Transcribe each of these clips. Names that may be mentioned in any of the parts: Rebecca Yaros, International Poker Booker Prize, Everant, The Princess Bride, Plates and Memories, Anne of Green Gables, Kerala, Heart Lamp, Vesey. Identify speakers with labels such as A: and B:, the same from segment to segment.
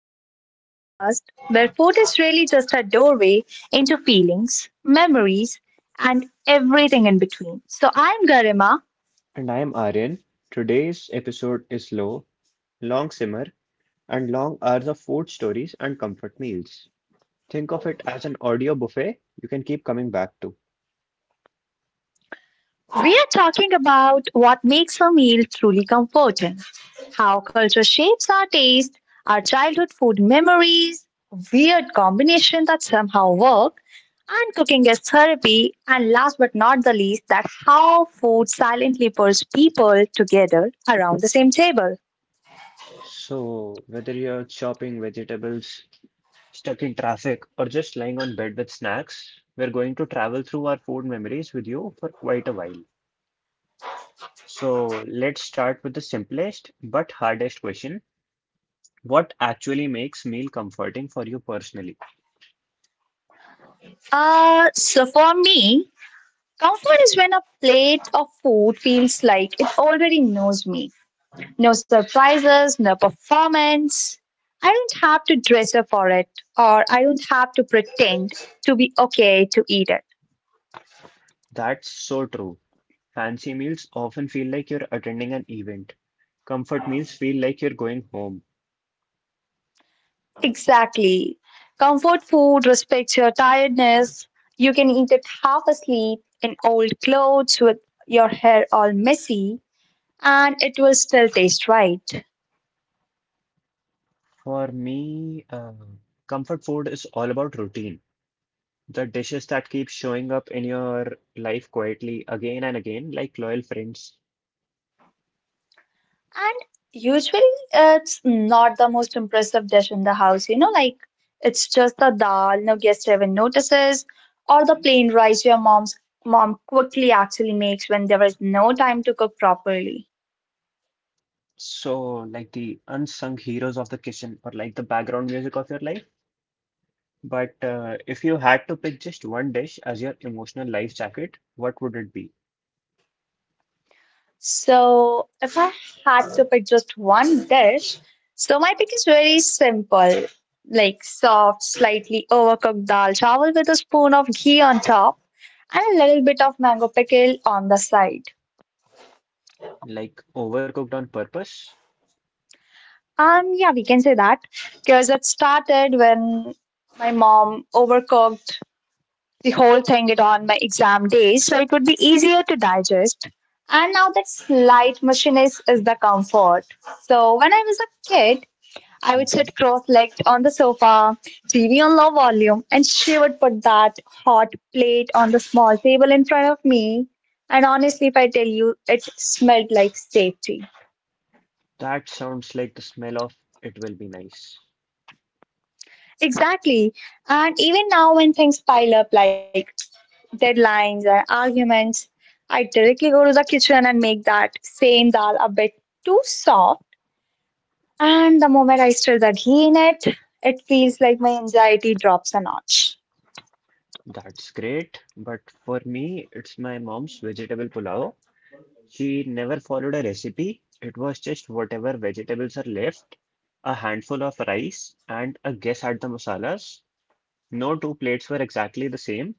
A: our first podcast where food is really just a doorway into feelings, memories, and everything in between. So I'm Garima.
B: And I'm Aryan. Today's episode is low, long simmer, and long hours of food stories and comfort meals. Think of it as an audio buffet you can keep coming back to.
A: We are talking about what makes a meal truly comforting, how culture shapes our taste, our childhood food memories, weird combinations that somehow work, and cooking as therapy, and last but not the least, that how food silently pulls people together around the same table.
B: So, whether you're chopping vegetables, stuck in traffic, or just lying on bed with snacks, we're going to travel through our food memories with you for quite a while. So, let's start with the simplest but hardest question. What actually makes meal comforting for you personally?
A: So for me, comfort is when a plate of food feels like it already knows me. No surprises, no performance. I don't have to dress up for it, or I don't have to pretend to be okay to eat it.
B: That's so true. Fancy meals often feel like you're attending an event. Comfort meals feel like you're going home.
A: Exactly. Comfort food respects your tiredness. You can eat it half asleep in old clothes with your hair all messy, and it will still taste right.
B: For me, comfort food is all about routine. The dishes that keep showing up in your life quietly again and again, like loyal friends.
A: And usually it's not the most impressive dish in the house, you know, like it's just the dal, no guest even notices, or the plain rice your mom's mom quickly actually makes when there is no time to cook properly.
B: So, like the unsung heroes of the kitchen, or like the background music of your life. But if you had to pick just one dish as your emotional life jacket, what would it be?
A: So if I had to pick just one dish, so my pick is very simple, like soft, slightly overcooked dal chawal with a spoon of ghee on top and a little bit of mango pickle on the side.
B: Like overcooked on purpose?
A: Yeah, we can say that because it started when my mom overcooked the whole thing it on my exam days, so it would be easier to digest. And now that slight mushiness is the comfort. So when I was a kid, I would
B: Mm-hmm.
A: sit cross-legged on the sofa, TV on low volume, and she would put that hot plate on the small table in front of me. And honestly, if I tell you, it smelled like safety.
B: That sounds like the smell of it will be nice.
A: Exactly. And even now, when things pile up like deadlines and arguments, I directly go to the kitchen and make that same dal a bit too soft. And the moment I stir the ghee in it, it feels like my anxiety drops a notch.
B: That's great, but for me, it's my mom's vegetable pulao. She never followed a recipe. It was just whatever vegetables are left, a handful of rice, and a guess at the masalas. No two plates were exactly the same,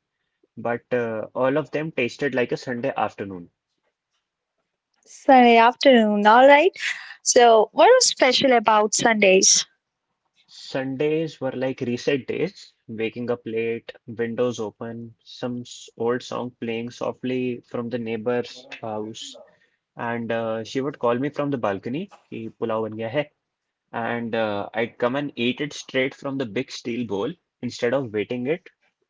B: but all of them tasted like a Sunday afternoon.
A: Sunday afternoon, all right. So, what is special about Sundays?
B: Sundays were like reset days, waking up late, windows open, some old song playing softly from the neighbor's house. And she would call me from the balcony, ki pulao ban gaya hai. And I'd come and eat it straight from the big steel bowl instead of waiting it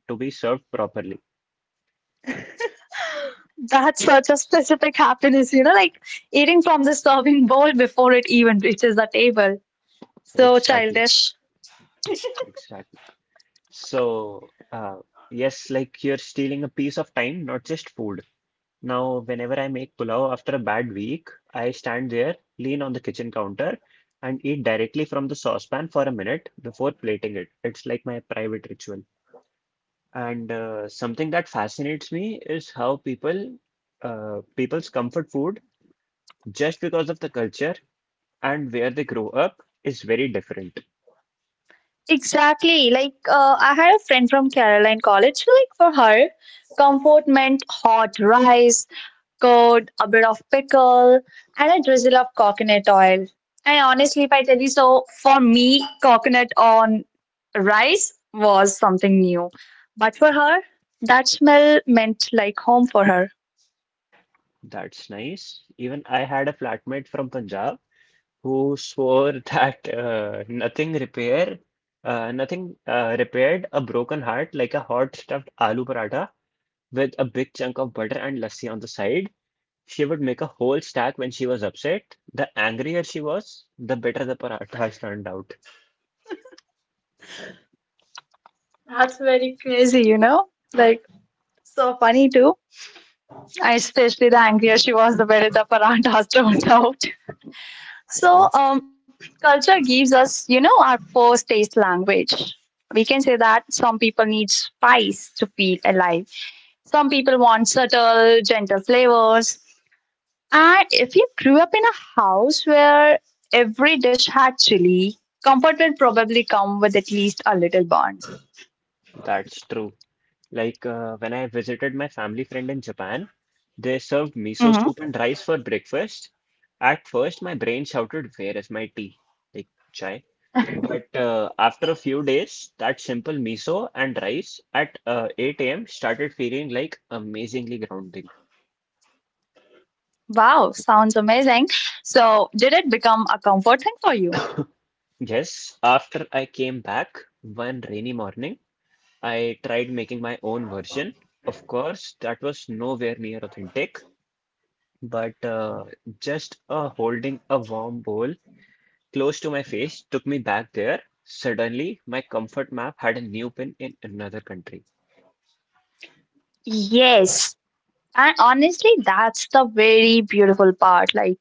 B: to be served properly.
A: That's such a specific happiness, you know, like eating from the serving bowl before it even reaches the table. So
B: Exactly,
A: childish.
B: exactly. So, yes, like you're stealing a piece of time, not just food. Now, whenever I make pulao after a bad week, I stand there, lean on the kitchen counter, and eat directly from the saucepan for a minute before plating it. It's like my private ritual. And something that fascinates me is how people's comfort food, just because of the culture and where they grow up, is very different.
A: Exactly. Like, I had a friend from Kerala in college. So, like, for her, comfort meant hot rice, curd, a bit of pickle, and a drizzle of coconut oil. And honestly, if I tell you so, for me, coconut on rice was something new. But for her, that smell meant like home for her.
B: That's nice. Even I had a flatmate from Punjab who swore that nothing repair nothing repaired a broken heart like a hot stuffed aloo paratha with a big chunk of butter and lassi on the side. She would make a whole stack when she was upset. The angrier she was, the better the parathas turned out.
A: That's very crazy, you know? Like, so funny too. And especially the angrier she was, the better the paranthas turned out.
B: You
A: So,
B: know,
A: culture gives us, you know, our first taste language. We can say that some people need spice to feel alive. Some people want subtle, gentle flavors. And if you grew up in a house where every dish had chili, comfort will probably come with at least a little burn.
B: that's true. When I visited my family friend in Japan, they served miso
A: Hmm.
B: soup and rice for breakfast. At first, my brain shouted, "Where is my tea?" Like chai. But after a few days, that simple miso and rice at 8 a.m. started feeling like amazingly grounding.
A: Wow, sounds amazing. So, did it become a comfort thing for you?
B: Yes, after I came back one rainy morning, I tried making my own version. Of course, that was nowhere near authentic, but just holding a warm bowl close to my face took me back there. Suddenly, my comfort map had a new pin in another country.
A: Yes. And honestly, that's the very beautiful part. Like,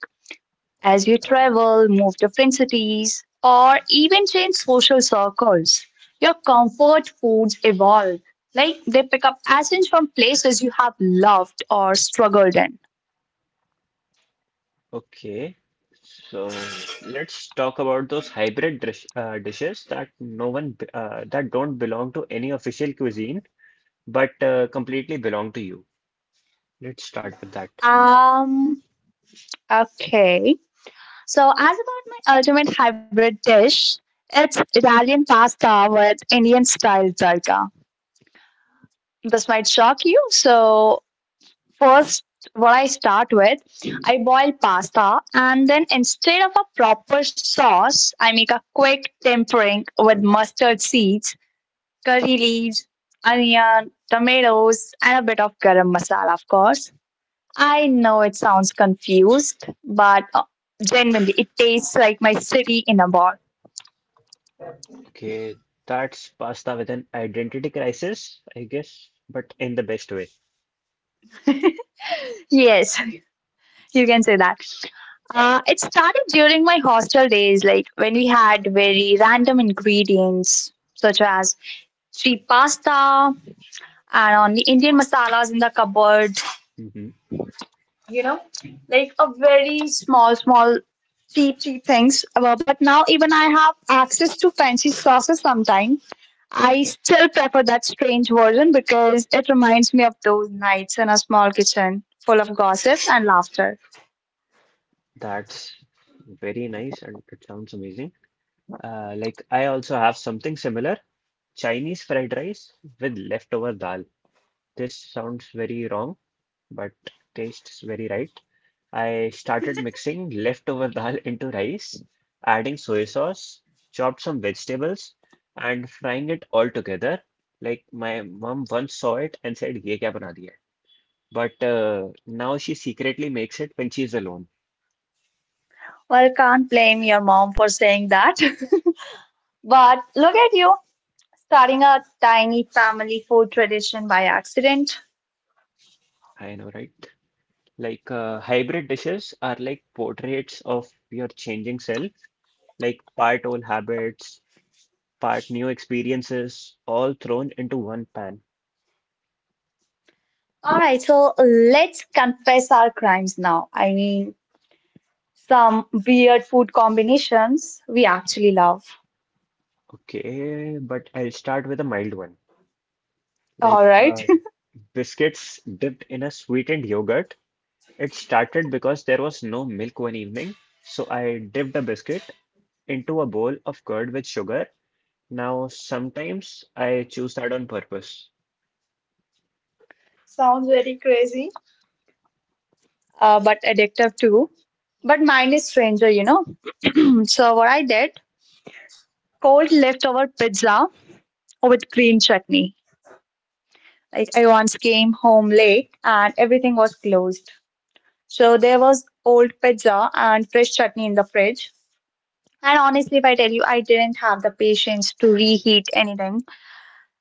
A: as you travel, move different cities, or even change social circles. Your comfort foods evolve, like they pick up essence from places you have loved or struggled in.
B: Okay, so let's talk about those dishes that that don't belong to any official cuisine, but completely belong to you. Let's start with that.
A: Um, okay. So, as about my ultimate hybrid dish, it's Italian pasta with Indian style tadka. This might shock you, so first, what I start with, I boil pasta and then instead of a proper sauce, I make a quick tempering with mustard seeds, curry leaves, onion, tomatoes, and a bit of garam masala, of course. I know it sounds confused, but genuinely, it tastes like my city in a ball.
B: Okay, that's pasta with an identity crisis, I guess, but in the best way.
A: Yes, you can say that. It started during my hostel days, like when we had very random ingredients such as three pasta and only Indian masalas in the cupboard,
B: Hmm.
A: you know, like a very small, small, cheap, cheap things. But now even I have access to fancy sauces sometimes. I still prefer that strange version because it reminds me of those nights in a small kitchen full of gossip and laughter.
B: That's very nice and it sounds amazing. Like I also have something similar, Chinese fried rice with leftover dal. This sounds very wrong but tastes very right. I started mixing leftover dal into rice, adding soy sauce, chopped some vegetables, and frying it all together. Like my mom once saw it and said, "Ye kya bana diya hai?" But now she secretly makes it when she's alone.
A: Well, can't blame your mom for saying that. But look at you, starting a tiny family food tradition by accident.
B: I know, right? Hybrid dishes are like portraits of your changing self, like part old habits, part new experiences, all thrown into one pan.
A: All right, so let's confess our crimes now. I mean, some weird food combinations we actually love.
B: Okay, but I'll start with a mild one. Like
A: All right.
B: uh, Biscuits dipped in a sweetened yogurt. It started because there was no milk one evening, so I dipped a biscuit into a bowl of curd with sugar. Now, sometimes I choose that on purpose.
A: Sounds very crazy. But addictive too. But mine is stranger, you know. So what I did, cold leftover pizza with green chutney. Like I once came home late and everything was closed. So there was old pizza and fresh chutney in the fridge. And honestly, if I tell you, I didn't have the patience to reheat anything.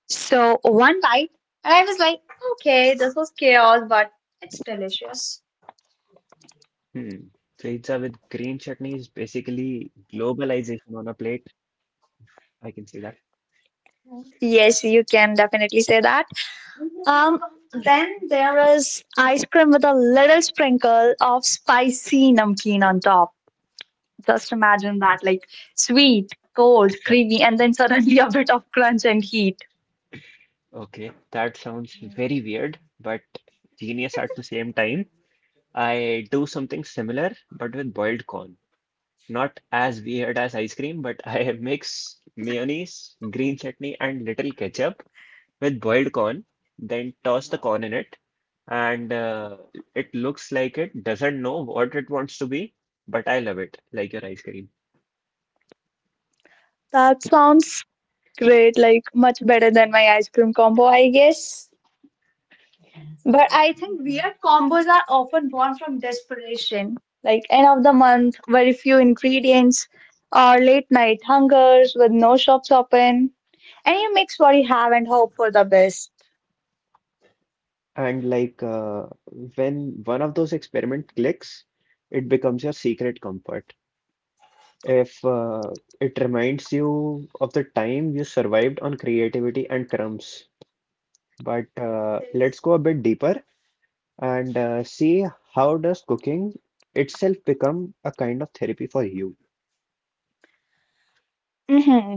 A: So one bite, and I was like, okay, this was chaos, but it's delicious.
B: Hmm. Pizza with green chutney is basically globalization on a plate. I can say that.
A: Yes, you can definitely say that. Um, then there is ice cream with a little sprinkle of spicy namkeen on top. Just imagine that, like sweet, cold, creamy, and then suddenly a bit of crunch and heat.
B: Okay, that sounds very weird, but genius at the same time. I do something similar, but with boiled corn. Not as weird as ice cream, but I mix mayonnaise, green chutney, and little ketchup with boiled corn, then toss the corn in it. And it looks like it doesn't know what it wants to be, but I love it, like your ice cream.
A: That sounds great, like much better than my ice cream combo, I guess. But I think weird combos are often born from desperation, like end of the month, very few ingredients, or late night hungers with no shops open. And you mix what you have and hope for the best.
B: And when one of those experiment clicks, it becomes your secret comfort. If It reminds you of the time you survived on creativity and crumbs. But let's go a bit deeper. And see how does cooking itself become a kind of therapy for you.
A: Hmm.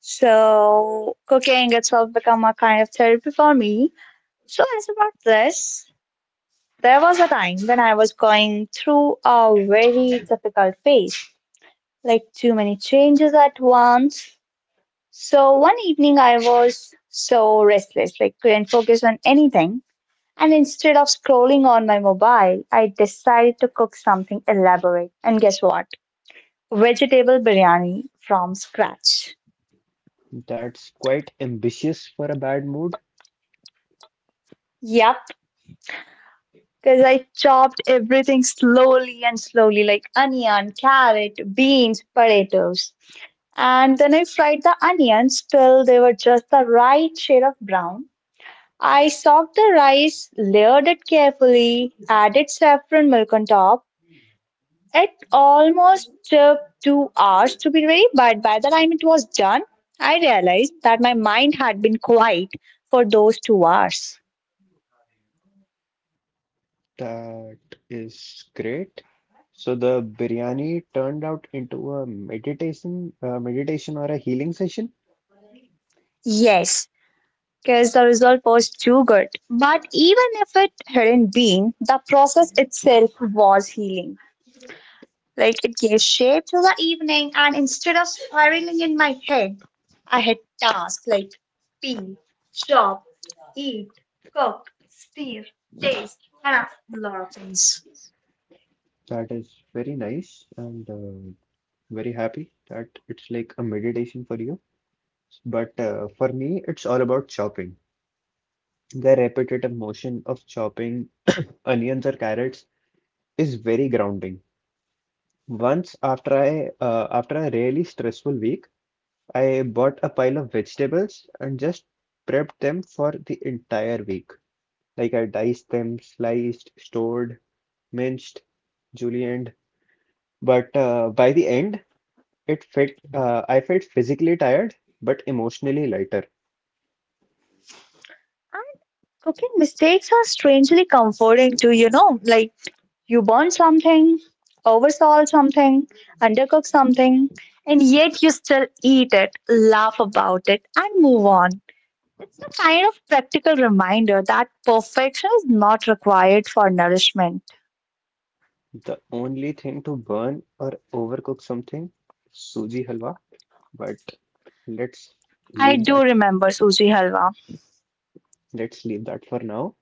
A: So cooking itself become a kind of therapy for me. So as about this, there was a time when I was going through a very difficult phase, like too many changes at once. So one evening I was so restless, like couldn't focus on anything. And instead of scrolling on my mobile, I decided to cook something elaborate. And guess what? Vegetable biryani from scratch.
B: That's quite ambitious for a bad mood.
A: Yep, because I chopped everything slowly and slowly, like onion, carrot, beans, potatoes. And then I fried the onions till they were just the right shade of brown. I soaked the rice, layered it carefully, added saffron milk on top. It almost took 2 hours to be ready, but by the time it was done, I realized that my mind had been quiet for those 2 hours.
B: That is great. So the biryani turned out into a meditation or a healing session.
A: Yes, because the result was too good. But even if it hadn't been, the process itself was healing. Like it gave shape to the evening, and instead of spiraling in my head, I had tasks like pee, shop, eat, cook, steer, taste, and a lot of things.
B: That is very nice and very happy that it's like a meditation for you. But for me, it's all about chopping. The repetitive motion of chopping onions or carrots is very grounding. Once after a really stressful week, I bought a pile of vegetables and just prepped them for the entire week. Like I diced them, sliced, stored, minced, julienned. But by the end, it felt I felt physically tired, but emotionally lighter.
A: And cooking mistakes are strangely comforting too, you know, like you burn something, oversalt something, undercook something, and yet you still eat it, laugh about it, and move on. It's a kind of practical reminder that perfection is not required for nourishment.
B: The only thing to burn or overcook something, suji halwa. But let's
A: I
B: leave
A: do
B: that.
A: remember Suji Halwa.
B: Let's leave that for now.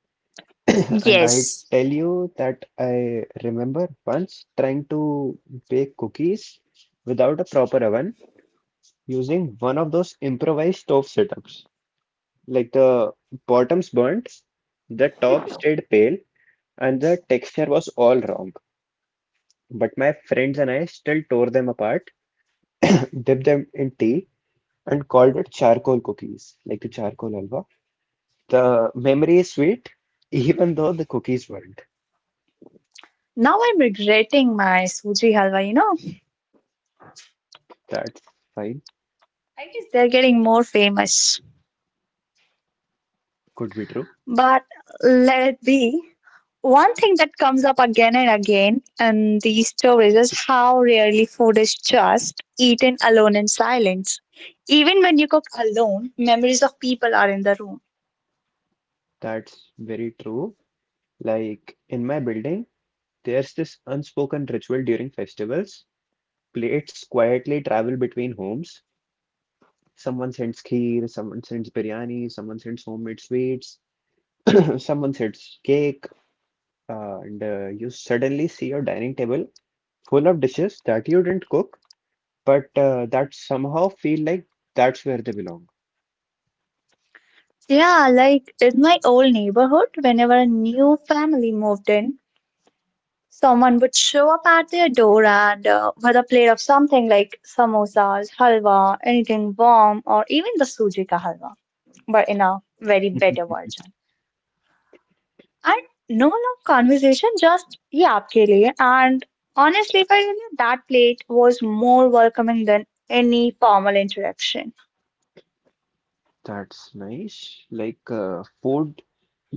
B: And I
A: Yes.
B: tell you that I remember once trying to bake cookies without a proper oven using one of those improvised stove setups. Like the bottoms burnt, the top stayed pale, and the texture was all wrong. But my friends and I still tore them apart, dipped them in tea, and called it charcoal cookies, like the charcoal halwa. The memory is sweet, even though the cookies weren't.
A: Now I'm regretting my Suji Halwa, you know.
B: That's fine,
A: I guess they're getting more famous.
B: could be true.
A: But let it be. One thing that comes up again and again in these stories is how rarely food is just eaten alone in silence. Even when you cook alone, memories of people are in the room.
B: That's very true. In my building, there's this unspoken ritual during festivals. Plates quietly travel between homes. Someone sends kheer, someone sends biryani, someone sends homemade sweets, someone sends cake, and you suddenly see your dining table full of dishes that you didn't cook, but that somehow feel like that's where they belong.
A: Yeah, like in my old neighborhood, whenever a new family moved in, someone would show up at their door and with a plate of something like samosas, halwa, anything warm, or even the suji ka halwa, but in a very better version. And no long conversation, just ye aapke liye. And honestly, if I tell you, that plate was more welcoming than any formal interaction.
B: That's nice. Food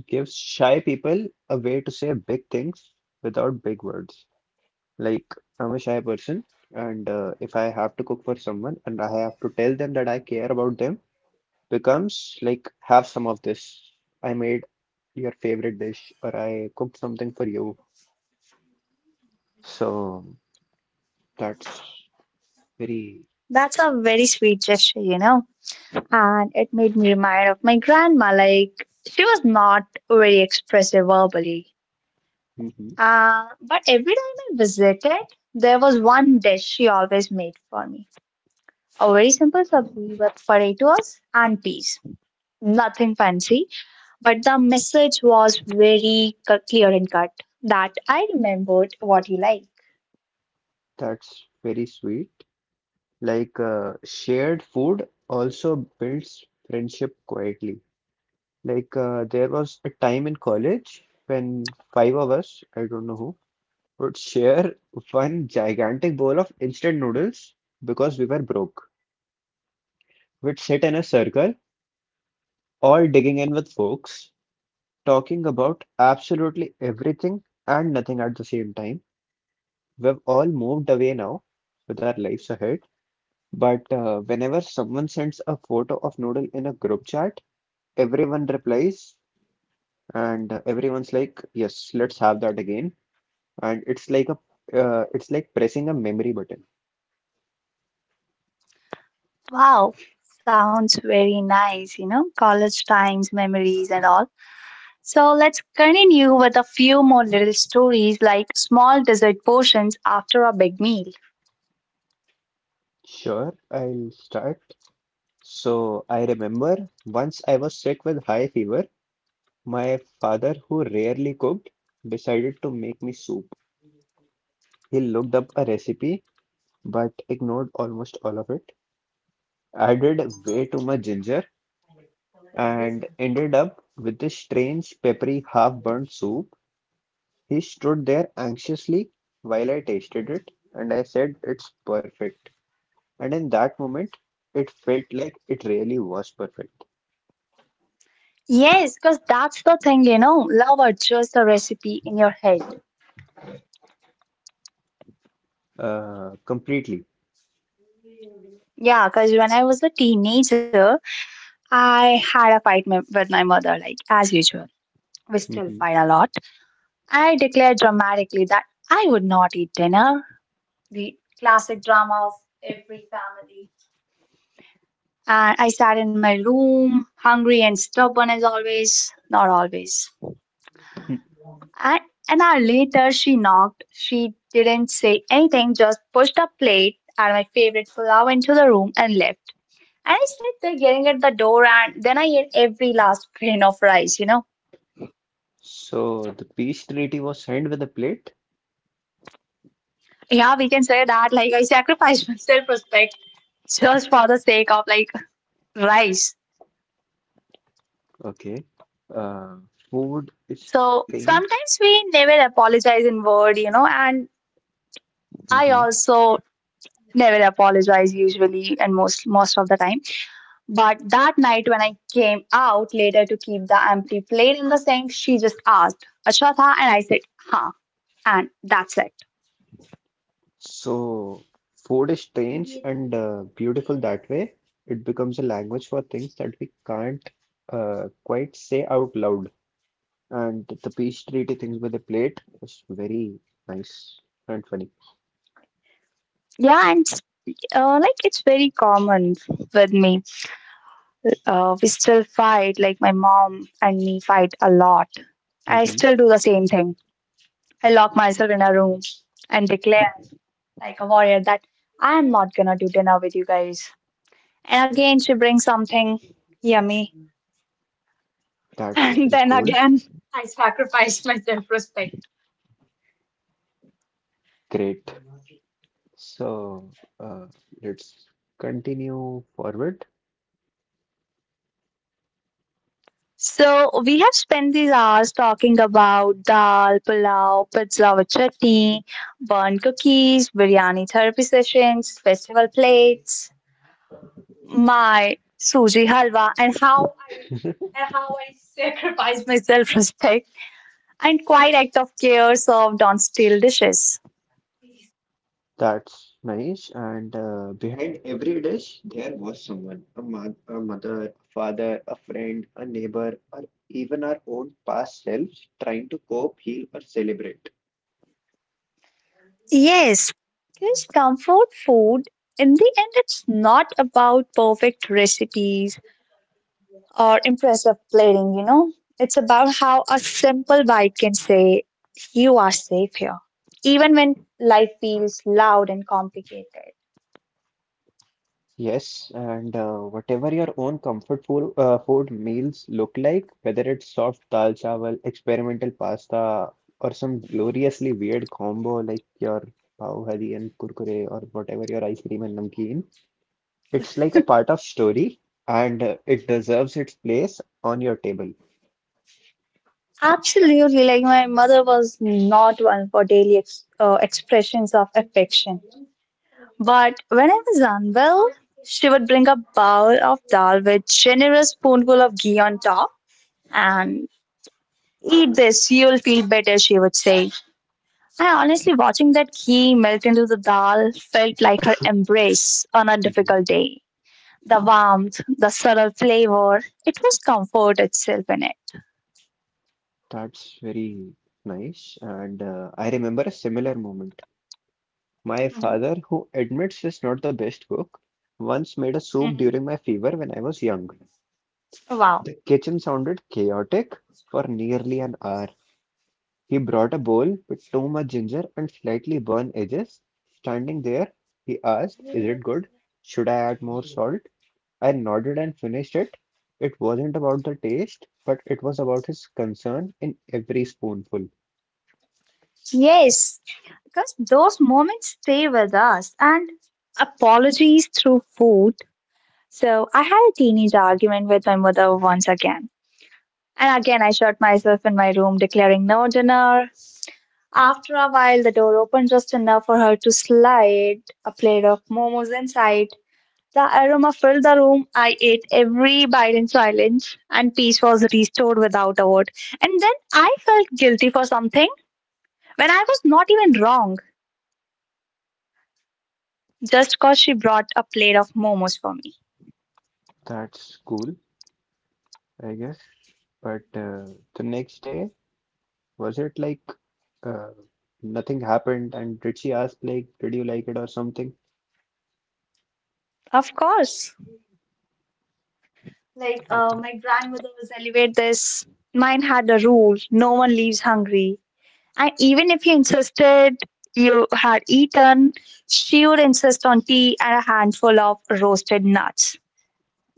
B: gives shy people a way to say big things without big words. Like I'm a shy person, and if I have to cook for someone and I have to tell them that I care about them, becomes like have some of this. I made your favorite dish, or I cooked something for you. So that's very,
A: That's a very sweet gesture, you know. And it made me remind of my grandma. Like, she was not very expressive verbally.
B: Mhm.
A: But every time I visited, there was one dish she always made for me. A very simple sabzi with potatoes and peas. Nothing fancy, but the message was very cu- clear and cut that I remembered what you like.
B: that's very sweet. Shared food also builds friendship quietly. There was a time in college when five of us, I don't know who, would share one gigantic bowl of instant noodles because we were broke. We'd sit in a circle, all digging in with forks, talking about absolutely everything and nothing at the same time. We've all moved away now with our lives ahead. But whenever someone sends a photo of noodle in a group chat, everyone replies, and everyone's like, "Yes, let's have that again." And it's like a, It's like pressing a memory button.
A: Wow, sounds very nice, you know, college times, memories, and all. So let's continue with a few more little stories like small dessert portions after a big meal.
B: Sure, I'll start. So I remember once I was sick with high fever, my father, who rarely cooked, decided to make me soup. He looked up a recipe, but ignored almost all of it, added way too much ginger, and ended up with this strange, peppery, half-burnt soup. He stood there anxiously while I tasted it, and I said, It's perfect. And in that moment, it felt like it really was perfect,
A: Yes, because that's the thing, you know, love adjusts the recipe in your head.
B: completely.
A: Yeah, because when I was a teenager, I had a fight with my mother, like as usual. We still
B: Hmm.
A: fight a lot. I declared dramatically that I would not eat dinner, the classic drama of every family. And I sat in my room, hungry and stubborn as always. Not always. And an hour later, she knocked. She didn't say anything, just pushed a plate and my favorite pulao into the room and left. And I sat there getting at the door, and then I ate every last grain of rice, you know?
B: So the peace treaty was signed with a plate.
A: Yeah, we can say that. Like, I sacrificed my self respect just for the sake of, like, rice.
B: Okay. Uh, food is
A: So
B: strange.
A: sometimes we never apologize in word, and I
B: Hmm.
A: also never apologize usually and most of the time. But that night, when I came out later to keep the empty plate in the sink, she just asked, "Acha tha?" And I said, "Huh." And that's it.
B: So food is strange and beautiful that way. It becomes a language for things that we can't quite say out loud. And the peach treaty things with the plate was very nice and funny.
A: Yeah, and like it's very common with me. We still fight, like my mom and me fight a lot. I
B: Hmm.
A: still do the same thing. I lock myself in a room and declare, like a warrior, that I am not gonna do dinner with you guys. And again, she brings something yummy,
B: That's
A: and
B: very
A: then
B: cool.
A: again I sacrificed my self respect.
B: Great. So uh, let's continue forward.
A: So we have spent these hours talking about dal, pulao, pizza with chutney, burnt cookies, biryani therapy sessions, festival plates, my suji halwa, and how I sacrificed my self respect and quite act of care served on steel dishes.
B: That's nice. And behind every dish, there was someone, a mother, a father, a friend, a neighbor, or even our own past selves trying to cope, heal, or celebrate.
A: Yes, because comfort food, in the end, it's not about perfect recipes or impressive plating. It's about how a simple bite can say, "You are safe here," even when life feels loud and complicated.
B: Yes, and whatever your own food meals look like, whether it's soft dal chawal, experimental pasta, or some gloriously weird combo like your pav bhaji and kurkure or whatever your ice cream and namkeen, it's like a part of story and it deserves its place on your table.
A: Absolutely, like my mother was not one for daily expressions of affection. But when I was unwell, she would bring a bowl of dal with generous spoonful of ghee on top and, "Eat this, you'll feel better," she would say. I honestly, watching that key melt into the dal felt like her embrace on a
B: Mhm.
A: difficult day. The warmth, the subtle flavor, it was comfort itself in it.
B: That's very nice. And I remember a similar moment. My
A: Hmm.
B: father, who admits is not the best cook, once made a soup
A: Mhm.
B: during my fever when I was young.
A: Wow.
B: The kitchen sounded chaotic for nearly an hour. He brought a bowl with too much ginger and slightly burned edges. Standing there, he asked, Is it good? Should I add more salt? I nodded and finished it. It wasn't about the taste, but it was about his concern in every spoonful.
A: Yes, because those moments stay with us, and apologies through food. So I had a teenage argument with my mother once again. And again, I shut myself in my room declaring no dinner. After a while, the door opened just enough for her to slide a plate of momos inside. The aroma filled the room. I ate every bite in silence, and peace was restored without a word. And then I felt guilty for something when I was not even wrong, just because she brought a plate of momos for me.
B: That's cool, I guess. But the next day, was it like Uh, nothing happened, and did she ask like, did you like it or something?
A: Of course. Like,
B: Okay,
A: my grandmother was elevate this. Mine had a rule: no one leaves hungry. And even if you insisted you had eaten, she would insist on tea and a handful of roasted nuts.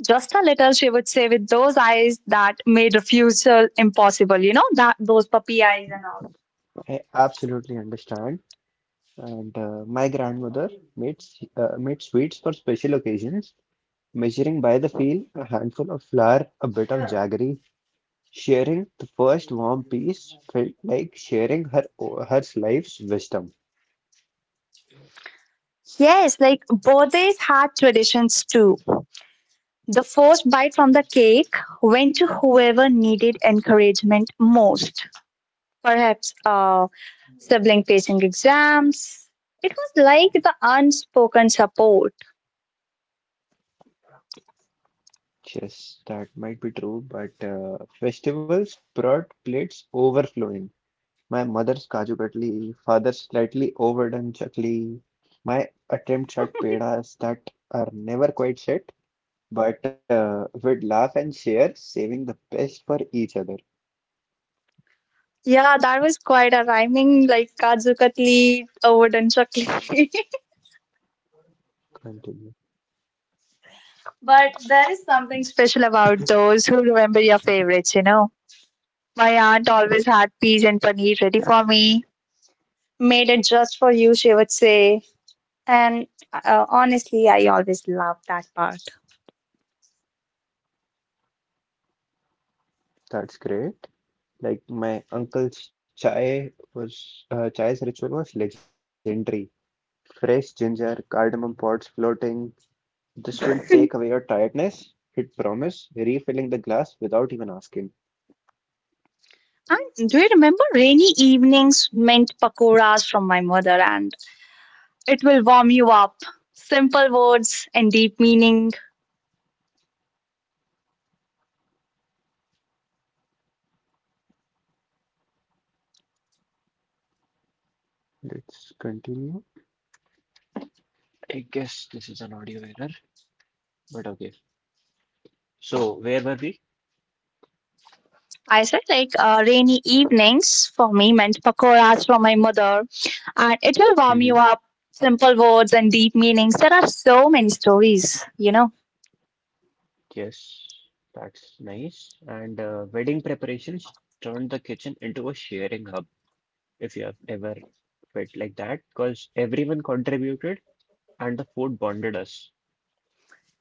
A: "Just a little," she would say, with those eyes that made refusal impossible, that those puppy eyes and all.
B: I absolutely understand. And my grandmother made sweets for special occasions, measuring by the feel a handful of flour, a bit of jaggery. Sharing the first warm piece felt like sharing her life's wisdom.
A: Yes, like birthdays had traditions too. The first bite from the cake went to whoever needed encouragement most. Perhaps sibling facing exams. It was like the unspoken support.
B: Yes, that might be true, but festivals brought plates overflowing. My mother's Kaju Katli, father's slightly overdone chakli. My attempts at pedas that are never quite set, but would laugh and share, saving the best for each other.
A: Yeah, that was quite a rhyming like Kaju Katli, a wooden chakli.
B: Continue.
A: But there is something special about those who remember your favorites. My aunt always had peas and paneer ready for me, "made it just for you," she would say. And honestly, I always loved that part.
B: That's great. My uncle's chai's ritual was legendary. Fresh ginger, cardamom pods floating. This will take away your tiredness. It would promise, refilling the glass without even asking.
A: And do you remember, rainy evenings meant pakoras from my mother, and it will warm you up. Simple words and deep meaning.
B: Let's continue. I guess this is an audio error. But okay. So where were we?
A: I said like rainy evenings for me meant pakoras from my mother, and it will warm you
B: Hmm.
A: up. Simple words and deep meanings. There are so many stories.
B: Yes, that's nice. And wedding preparations turned the kitchen into a sharing hub, if you have ever felt like that, because everyone contributed and the food bonded us.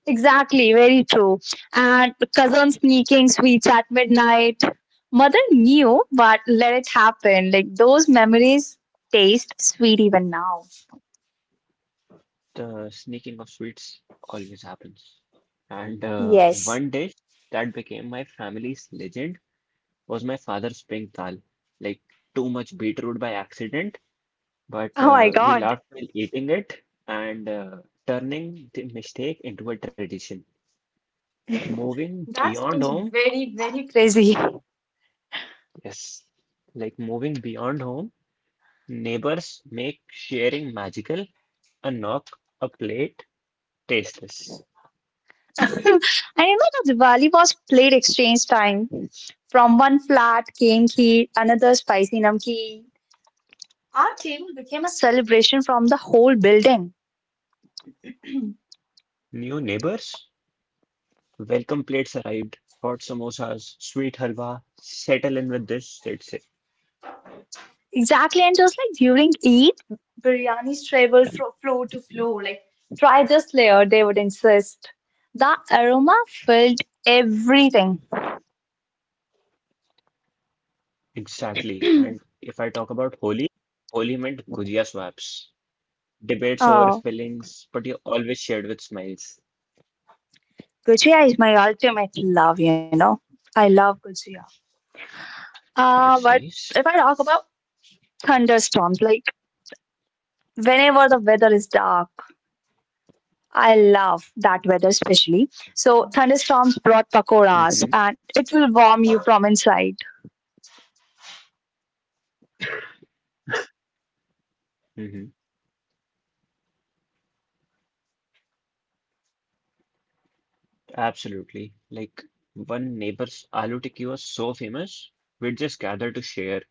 A: Exactly, very true. And cousin sneaking sweets at midnight. Mother knew, but let it happen. Like those memories taste sweet even now.
B: The sneaking of sweets always happens. And
A: Yes.
B: one dish that became my family's legend was my father's pink dal. Like too much beetroot by accident. But
A: Oh my
B: uh, we
A: god,
B: laughed while eating it and turning the mistake into a tradition. Moving
A: that
B: beyond
A: sounds
B: home,
A: very, very crazy.
B: yes, like moving beyond home, neighbors make sharing magical, a knock, a plate, tasteless.
A: I remember Diwali was plate exchange time. From one flat came kheer, another spicy namkeen. Our table became a celebration from the whole building.
B: New neighbors, welcome plates arrived, hot samosas, sweet halwa, settle in with this, that's it.
A: Exactly, and just like during Eid, biryanis traveled from floor to floor. Like, "try this layer," they would insist. The aroma filled everything.
B: Exactly. And if I talk about Holi, Holi meant gujia swaps. Debates
A: Oh,
B: over feelings, but you always shared with smiles.
A: gujia is my ultimate love. I love gujia. But
B: That's
A: if I
B: nice.
A: talk about thunderstorms, like, whenever the weather is dark. I love that weather especially. So thunderstorms brought pakoras,
B: Mm-hmm.
A: and it will warm you from inside.
B: Mm-hmm. Absolutely. Like one neighbor's aloo tikki was so famous, we'd just gather to share.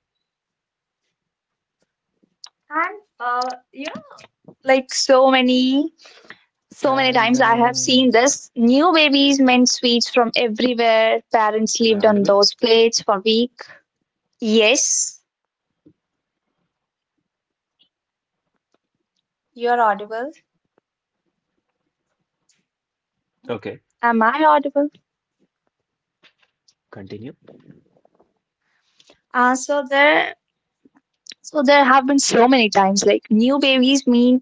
A: And you know, like so many
B: And
A: times I have seen this. New babies meant sweets from
B: Am I audible?
A: everywhere. Parents lived on those plates for week. Yes, you're audible.
B: Okay,
A: Am I audible?
B: continue.
A: Uh, so there, so there have been so many times, like new babies mean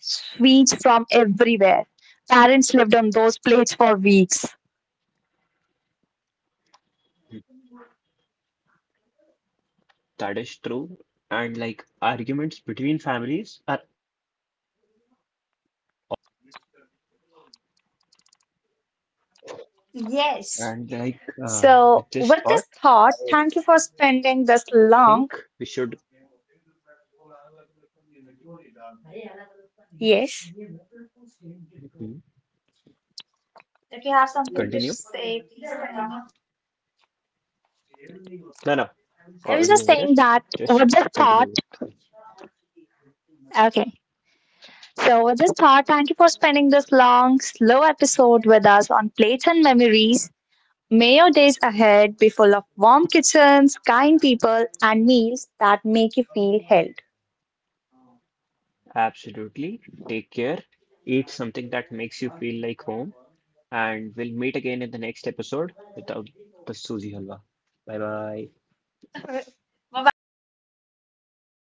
A: sweets from everywhere. Parents lived on those plates for weeks.
B: That is true. And like arguments between families are often settled over shared tea, if you have ever noticed. And like
A: Yes.
B: uh, with this thought,
A: So,
B: I
A: with this
B: think
A: thought,
B: we
A: thank you
B: should
A: for spending this long. Yes.
B: Mhm.
A: If you have
B: continue.
A: something to say, please come on.
B: No, no.
A: I was
B: audio
A: just
B: error.
A: saying that
B: Just
A: with this
B: continue with.
A: thought,
B: It.
A: okay. So, with this thought, thank you for spending this long, slow episode with us on plates and memories. May your days ahead be full of warm kitchens, kind people, and meals that make you feel held.
B: Absolutely. Take care. Eat something that makes you feel like home. And we'll meet again in the next episode without the Suji Halwa. Bye bye.
A: Bye bye.